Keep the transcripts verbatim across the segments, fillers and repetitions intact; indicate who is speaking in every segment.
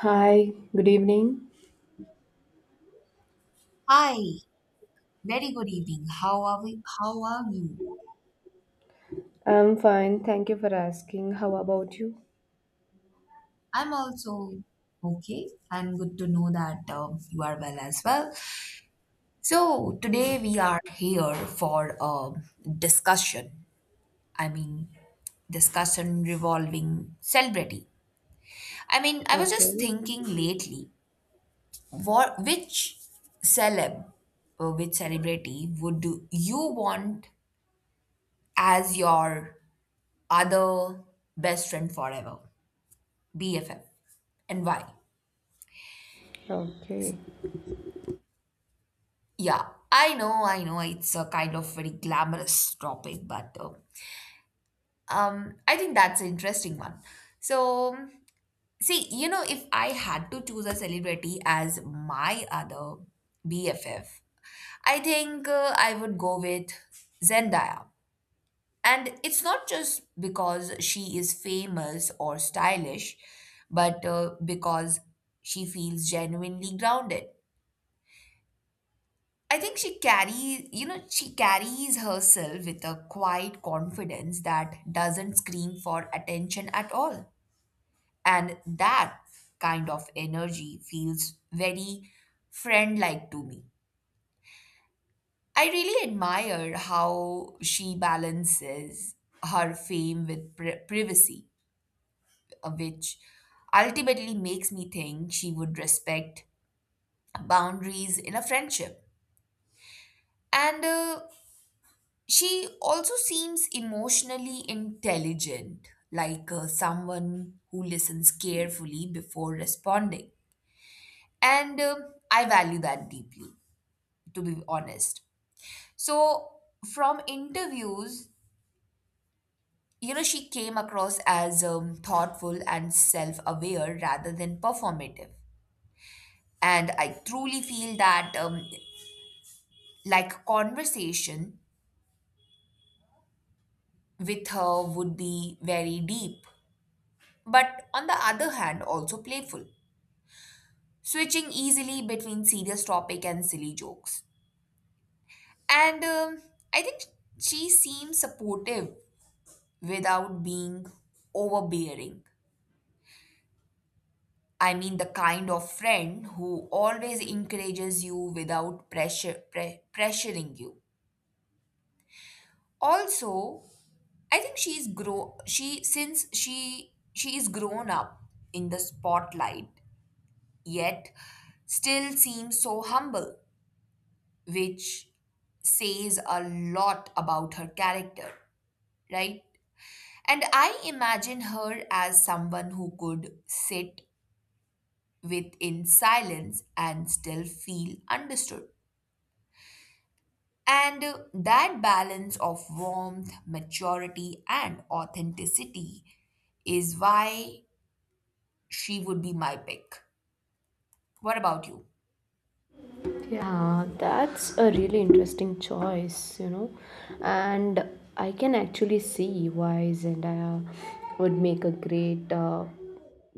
Speaker 1: Hi, good evening.
Speaker 2: Hi, very good evening. How are we? How are you?
Speaker 1: I'm fine. Thank you for asking. How about you?
Speaker 2: I'm also okay. I'm good to know that um, you are well as well. So
Speaker 1: Yeah,
Speaker 2: today we are here for a discussion. I mean, discussion revolving celebrity. I mean, I was just
Speaker 1: okay.
Speaker 2: thinking lately, what which celeb or which celebrity would you want as your other best friend forever? B F F. And why?
Speaker 1: Okay.
Speaker 2: Yeah, I know, I know, it's a kind of very glamorous topic, but uh, um, I think that's an interesting one. So, see, you know, if I had to choose a celebrity as my other B F F, I think uh, I would go with Zendaya. And it's not just because she is famous or stylish, but uh, because she feels genuinely grounded. I think she carries, you know, she carries herself with a quiet confidence that doesn't scream for attention at all. And that kind of energy feels very friend like to me. I really admire how she balances her fame with pri- privacy, uh, which ultimately makes me think she would respect boundaries in a friendship. And uh, She also seems emotionally intelligent, like uh, someone who listens carefully before responding. And um, I value that deeply, to be honest. So, from interviews, you know, she came across as um, thoughtful and self aware rather than performative. And I truly feel that, um, like, conversation with her would be very deep, but on the other hand, also playful, switching easily between serious topic and silly jokes. And um, I think she seems supportive without being overbearing. I mean, the kind of friend who always encourages you without pressure pre- pressuring you. Also, I think she's grow she since she she is grown up in the spotlight, yet still seems so humble, which says a lot about her character, right? And I imagine her as someone who could sit within silence and still feel understood. And uh, that balance of warmth, maturity, and authenticity is why she would be my pick. What about you?
Speaker 1: Yeah, that's a really interesting choice, you know. And I can actually see why Zendaya would make a great uh,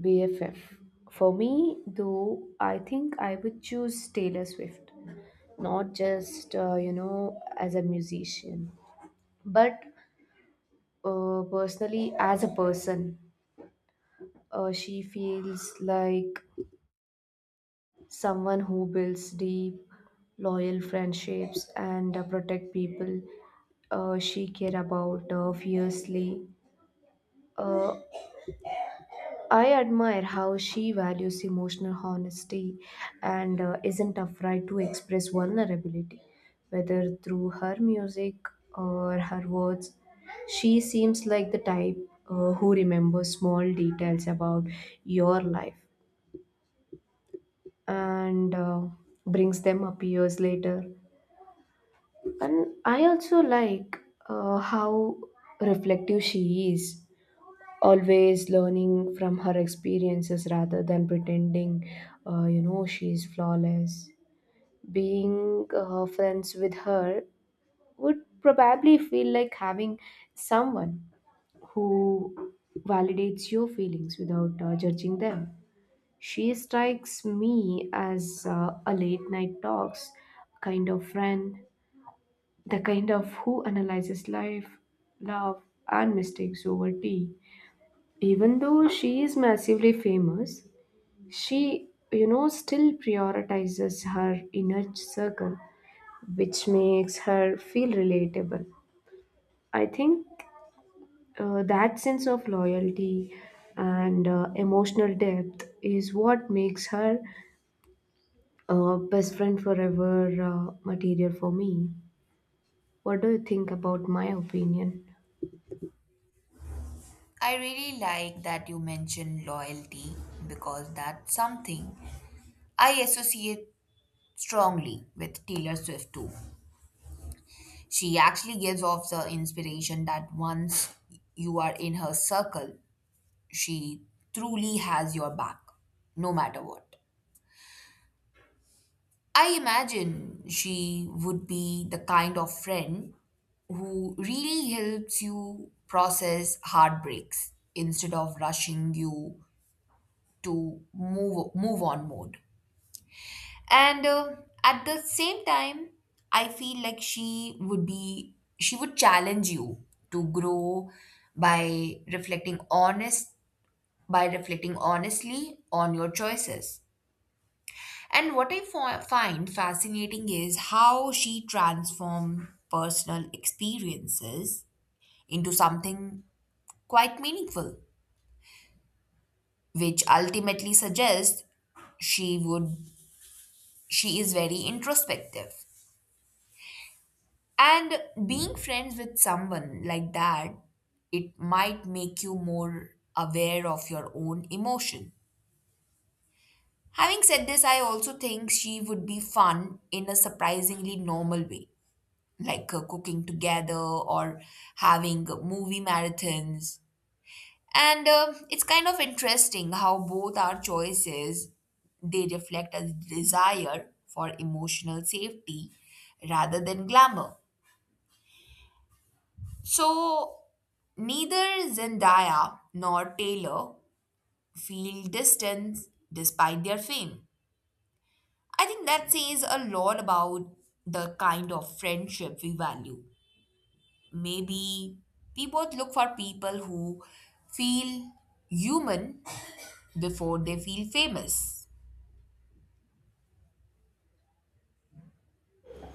Speaker 1: B F F. For me, though, I think I would choose Taylor Swift, not just, uh, you know, as a musician, but uh, personally as a person. Uh, she feels like someone who builds deep, loyal friendships and uh, protect people uh, she care about uh, fiercely. Uh, I admire how she values emotional honesty and uh, isn't afraid to express vulnerability, whether through her music or her words. She seems like the type uh, who remembers small details about your life and uh, brings them up years later. And I also like uh, how reflective she is, always learning from her experiences rather than pretending uh, you know, she is flawless. Being uh, friends with her would probably feel like having someone who validates your feelings without uh, judging them. She strikes me as uh, a late night talks kind of friend, the kind of who analyzes life, love, and mistakes over tea. Even though she is massively famous, she, you know, still prioritizes her inner circle, which makes her feel relatable. I think uh, that sense of loyalty and uh, emotional depth is what makes her Uh, best friend forever uh, material for me. What do you think about my opinion?
Speaker 2: I really like that you mentioned loyalty because that's something I associate strongly with Taylor Swift too. She actually gives off the inspiration that once you are in her circle, she truly has your back, no matter what. I imagine she would be the kind of friend who really helps you process heartbreaks instead of rushing you to move move on mode. And uh, At the same time, I feel like she would be, she would challenge you to grow by reflecting honest, by reflecting honestly on your choices. And what I fi- find fascinating is how she transformed personal experiences into something quite meaningful, which ultimately suggests she would she is very introspective. And being friends with someone like that, it might make you more aware of your own emotion. Having said this, I also think she would be fun in a surprisingly normal way, like uh, cooking together or having movie marathons. And uh, it's kind of interesting how both our choices they reflect a desire for emotional safety rather than glamour. So neither Zendaya nor Taylor feel distance despite their fame. I think that says a lot about the kind of friendship we value. Maybe we both look for people who feel human before they feel famous.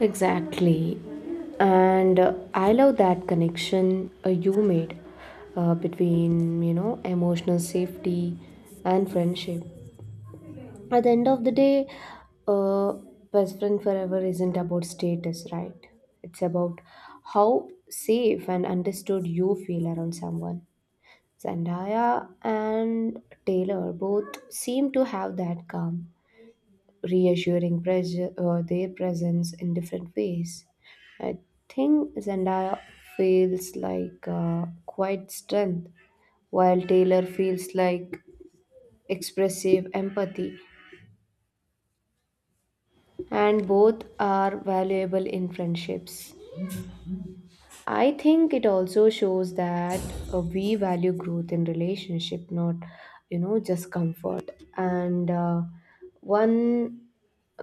Speaker 1: Exactly. And uh, I love that connection uh, you made uh, between, you know, emotional safety and friendship. At the end of the day, uh, best friend forever isn't about status, right? It's about how safe and understood you feel around someone. Zendaya and Taylor both seem to have that calm, reassuring pres- uh, their presence in different ways. I think Zendaya feels like uh, quiet strength, while Taylor feels like expressive empathy, and both are valuable in friendships. I think it also shows that uh, we value growth in relationship, not you know just comfort. And uh, one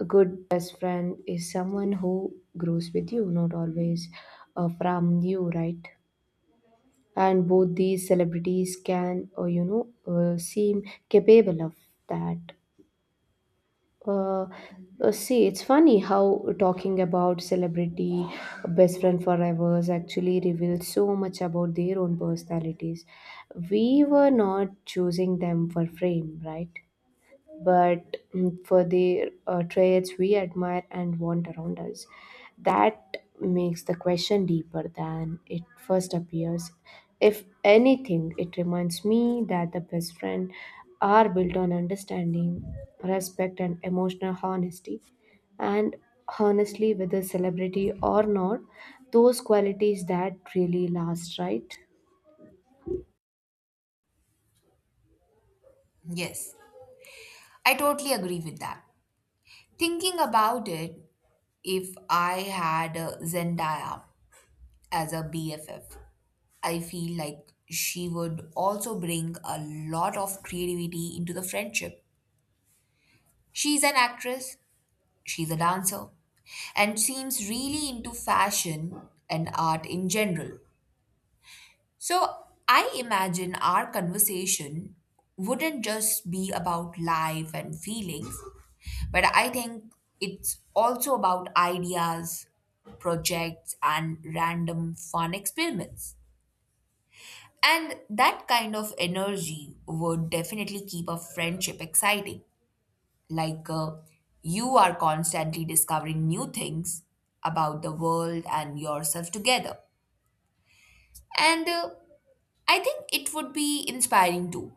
Speaker 1: good best friend is someone who grows with you, not always uh, from you, right? And both these celebrities can, uh, you know, uh, seem capable of that. Uh, uh, See, it's funny how talking about celebrity best friend forever actually reveals so much about their own personalities. We were not choosing them for fame, right? But mm, for the uh, traits we admire and want around us. That makes the question deeper than it first appears. If anything, it reminds me that the best friend are built on understanding, respect, and emotional honesty. And honestly, whether celebrity or not, those qualities that really last, right?
Speaker 2: Yes, I totally agree with that. Thinking about it, if I had uh, Zendaya as a B F F, I feel like she would also bring a lot of creativity into the friendship. She's an actress, she's a dancer, and seems really into fashion and art in general. So I imagine our conversation wouldn't just be about life and feelings, but I think it's also about ideas, projects, and random fun experiments. And that kind of energy would definitely keep a friendship exciting. Like uh, you are constantly discovering new things about the world and yourself together. And uh, I think it would be inspiring too.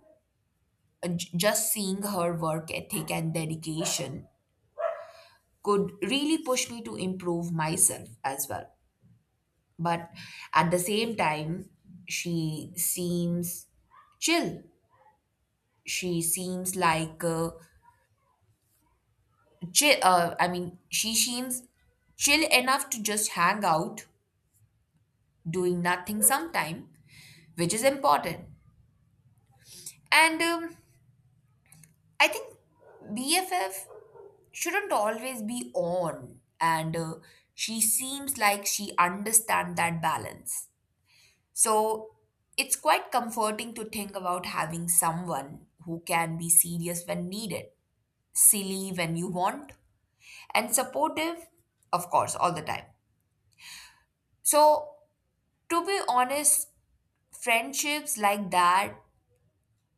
Speaker 2: Uh, j- Just seeing her work ethic and dedication could really push me to improve myself as well. But at the same time, she seems chill. She seems like uh, chill, uh, I mean, she seems chill enough to just hang out, doing nothing sometime, which is important. And um, I think B F F shouldn't always be on, and uh, she seems like she understands that balance. So it's quite comforting to think about having someone who can be serious when needed, silly when you want, and supportive, of course, all the time. So to be honest, friendships like that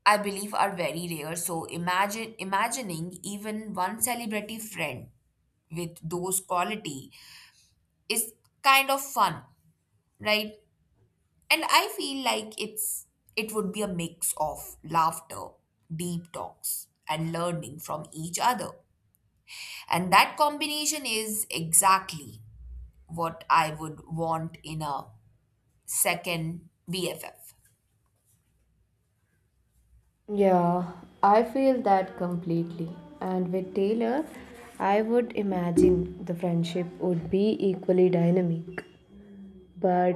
Speaker 2: I believe are very rare. So imagine imagining even one celebrity friend with those quality is kind of fun, right? And I feel like it's it would be a mix of laughter, deep talks, and learning from each other. And that combination is exactly what I would want in a second B F F.
Speaker 1: Yeah, I feel that completely. And with Taylor, I would imagine the friendship would be equally dynamic. But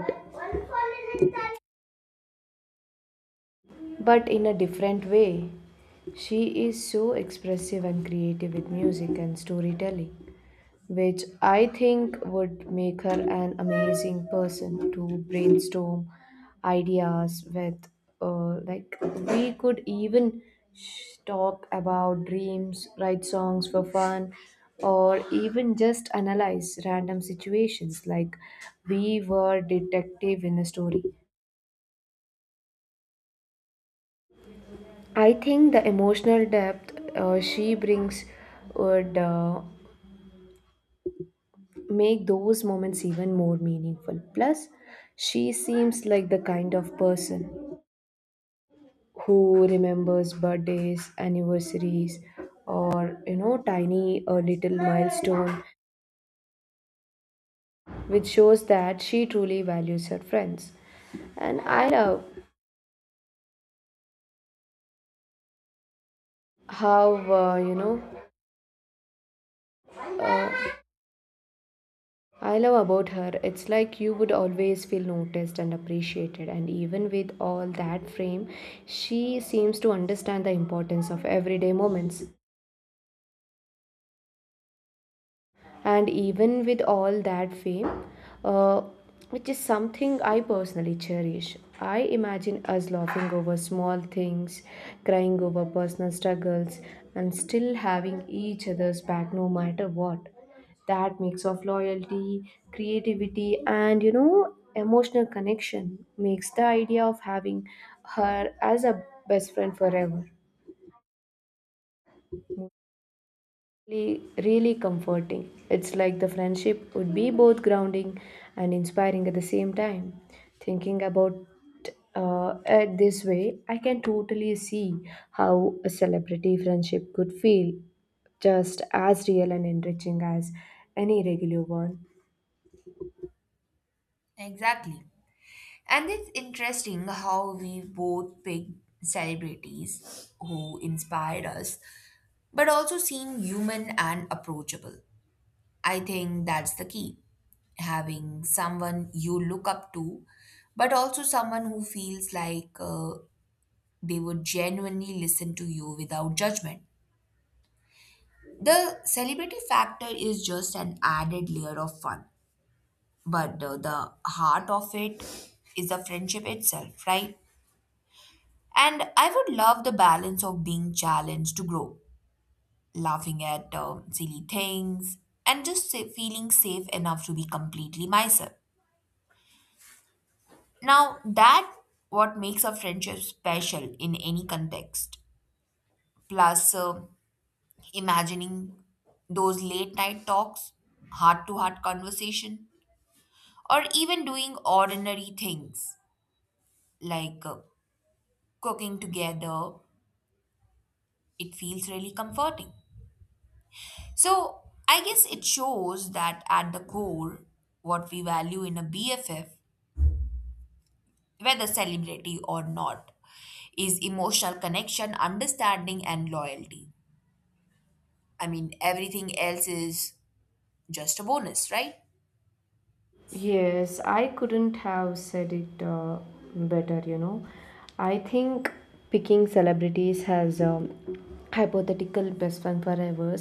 Speaker 1: but in a different way. She is so expressive and creative with music and storytelling, which I think would make her an amazing person to brainstorm ideas with. Uh, like, we could even sh- talk about dreams, write songs for fun, or even just analyze random situations like we were detective in a story. I think the emotional depth uh, she brings would uh, make those moments even more meaningful. Plus, she seems like the kind of person who remembers birthdays, anniversaries, or you know, tiny or little milestone, which shows that she truly values her friends. And I love how uh, you know uh, I love about her, it's like you would always feel noticed and appreciated, and even with all that frame, she seems to understand the importance of everyday moments. And even with all that fame, uh, which is something I personally cherish. I imagine us laughing over small things, crying over personal struggles, and still having each other's back no matter what. That mix of loyalty, creativity, and you know, emotional connection makes the idea of having her as a best friend forever really, really comforting. It's like the friendship would be both grounding and inspiring at the same time. Thinking about uh, it this way, I can totally see how a celebrity friendship could feel just as real and enriching as any regular one.
Speaker 2: Exactly. And it's interesting how we both pick celebrities who inspired us, but also seem human and approachable. I think that's the key. Having someone you look up to, but also someone who feels like uh, they would genuinely listen to you without judgment. The celebrity factor is just an added layer of fun, but uh, the heart of it is the friendship itself, right? And I would love the balance of being challenged to grow, laughing at um, silly things, and just sa- feeling safe enough to be completely myself. Now, that what makes a friendship special in any context. Plus, uh, imagining those late night talks, heart to heart conversation, or even doing ordinary things like uh, cooking together, it feels really comforting. So I guess it shows that at the core, what we value in a B F F, whether celebrity or not, is emotional connection, understanding, and loyalty. I mean, everything else is just a bonus, right?
Speaker 1: Yes, I couldn't have said it uh, better, you know. I think picking celebrities has um, hypothetical best friend forever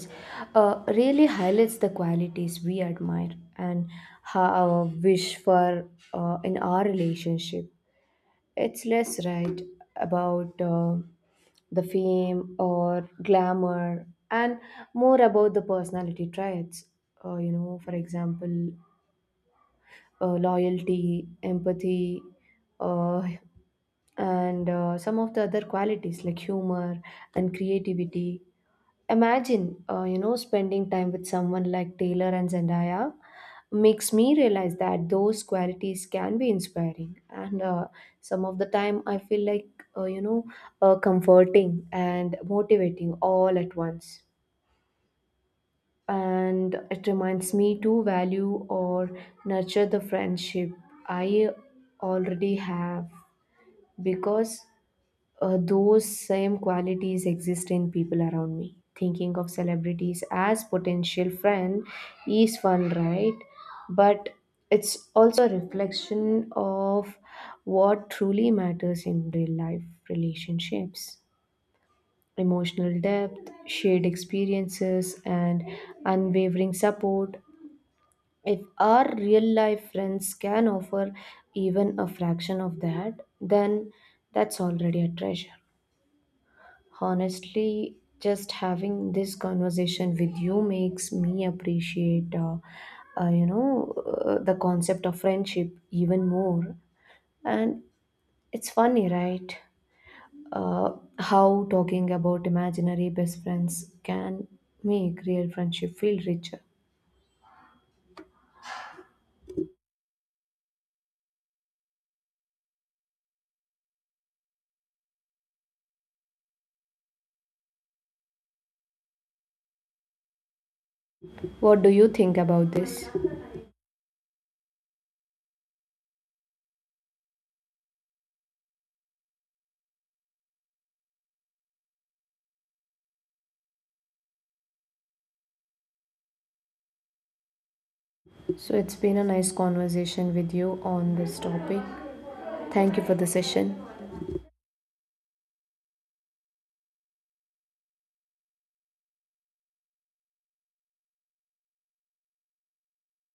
Speaker 1: uh, really highlights the qualities we admire and how wish for uh, in our relationship. It's less right about uh, the fame or glamour and more about the personality traits. Uh, you know, for example, uh, loyalty, empathy, uh, and uh, some of the other qualities like humor and creativity. Imagine uh, you know, spending time with someone like Taylor and Zendaya makes me realize that those qualities can be inspiring and uh, some of the time I feel like uh, you know uh, comforting and motivating all at once and it reminds me to value or nurture the friendship I already have because uh, those same qualities exist in people around me. Thinking of celebrities as potential friend is fun, right? But it's also a reflection of what truly matters in real life relationships emotional depth, shared experiences, and unwavering support if our real life friends can offer even a fraction of that, then that's already a treasure. Honestly, just having this conversation with you makes me appreciate uh, uh, you know, uh, the concept of friendship even more. And it's funny, right? Uh, how talking about imaginary best friends can make real friendship feel richer. What do you think about this? So it's been a nice conversation with you on this topic. Thank you for the session.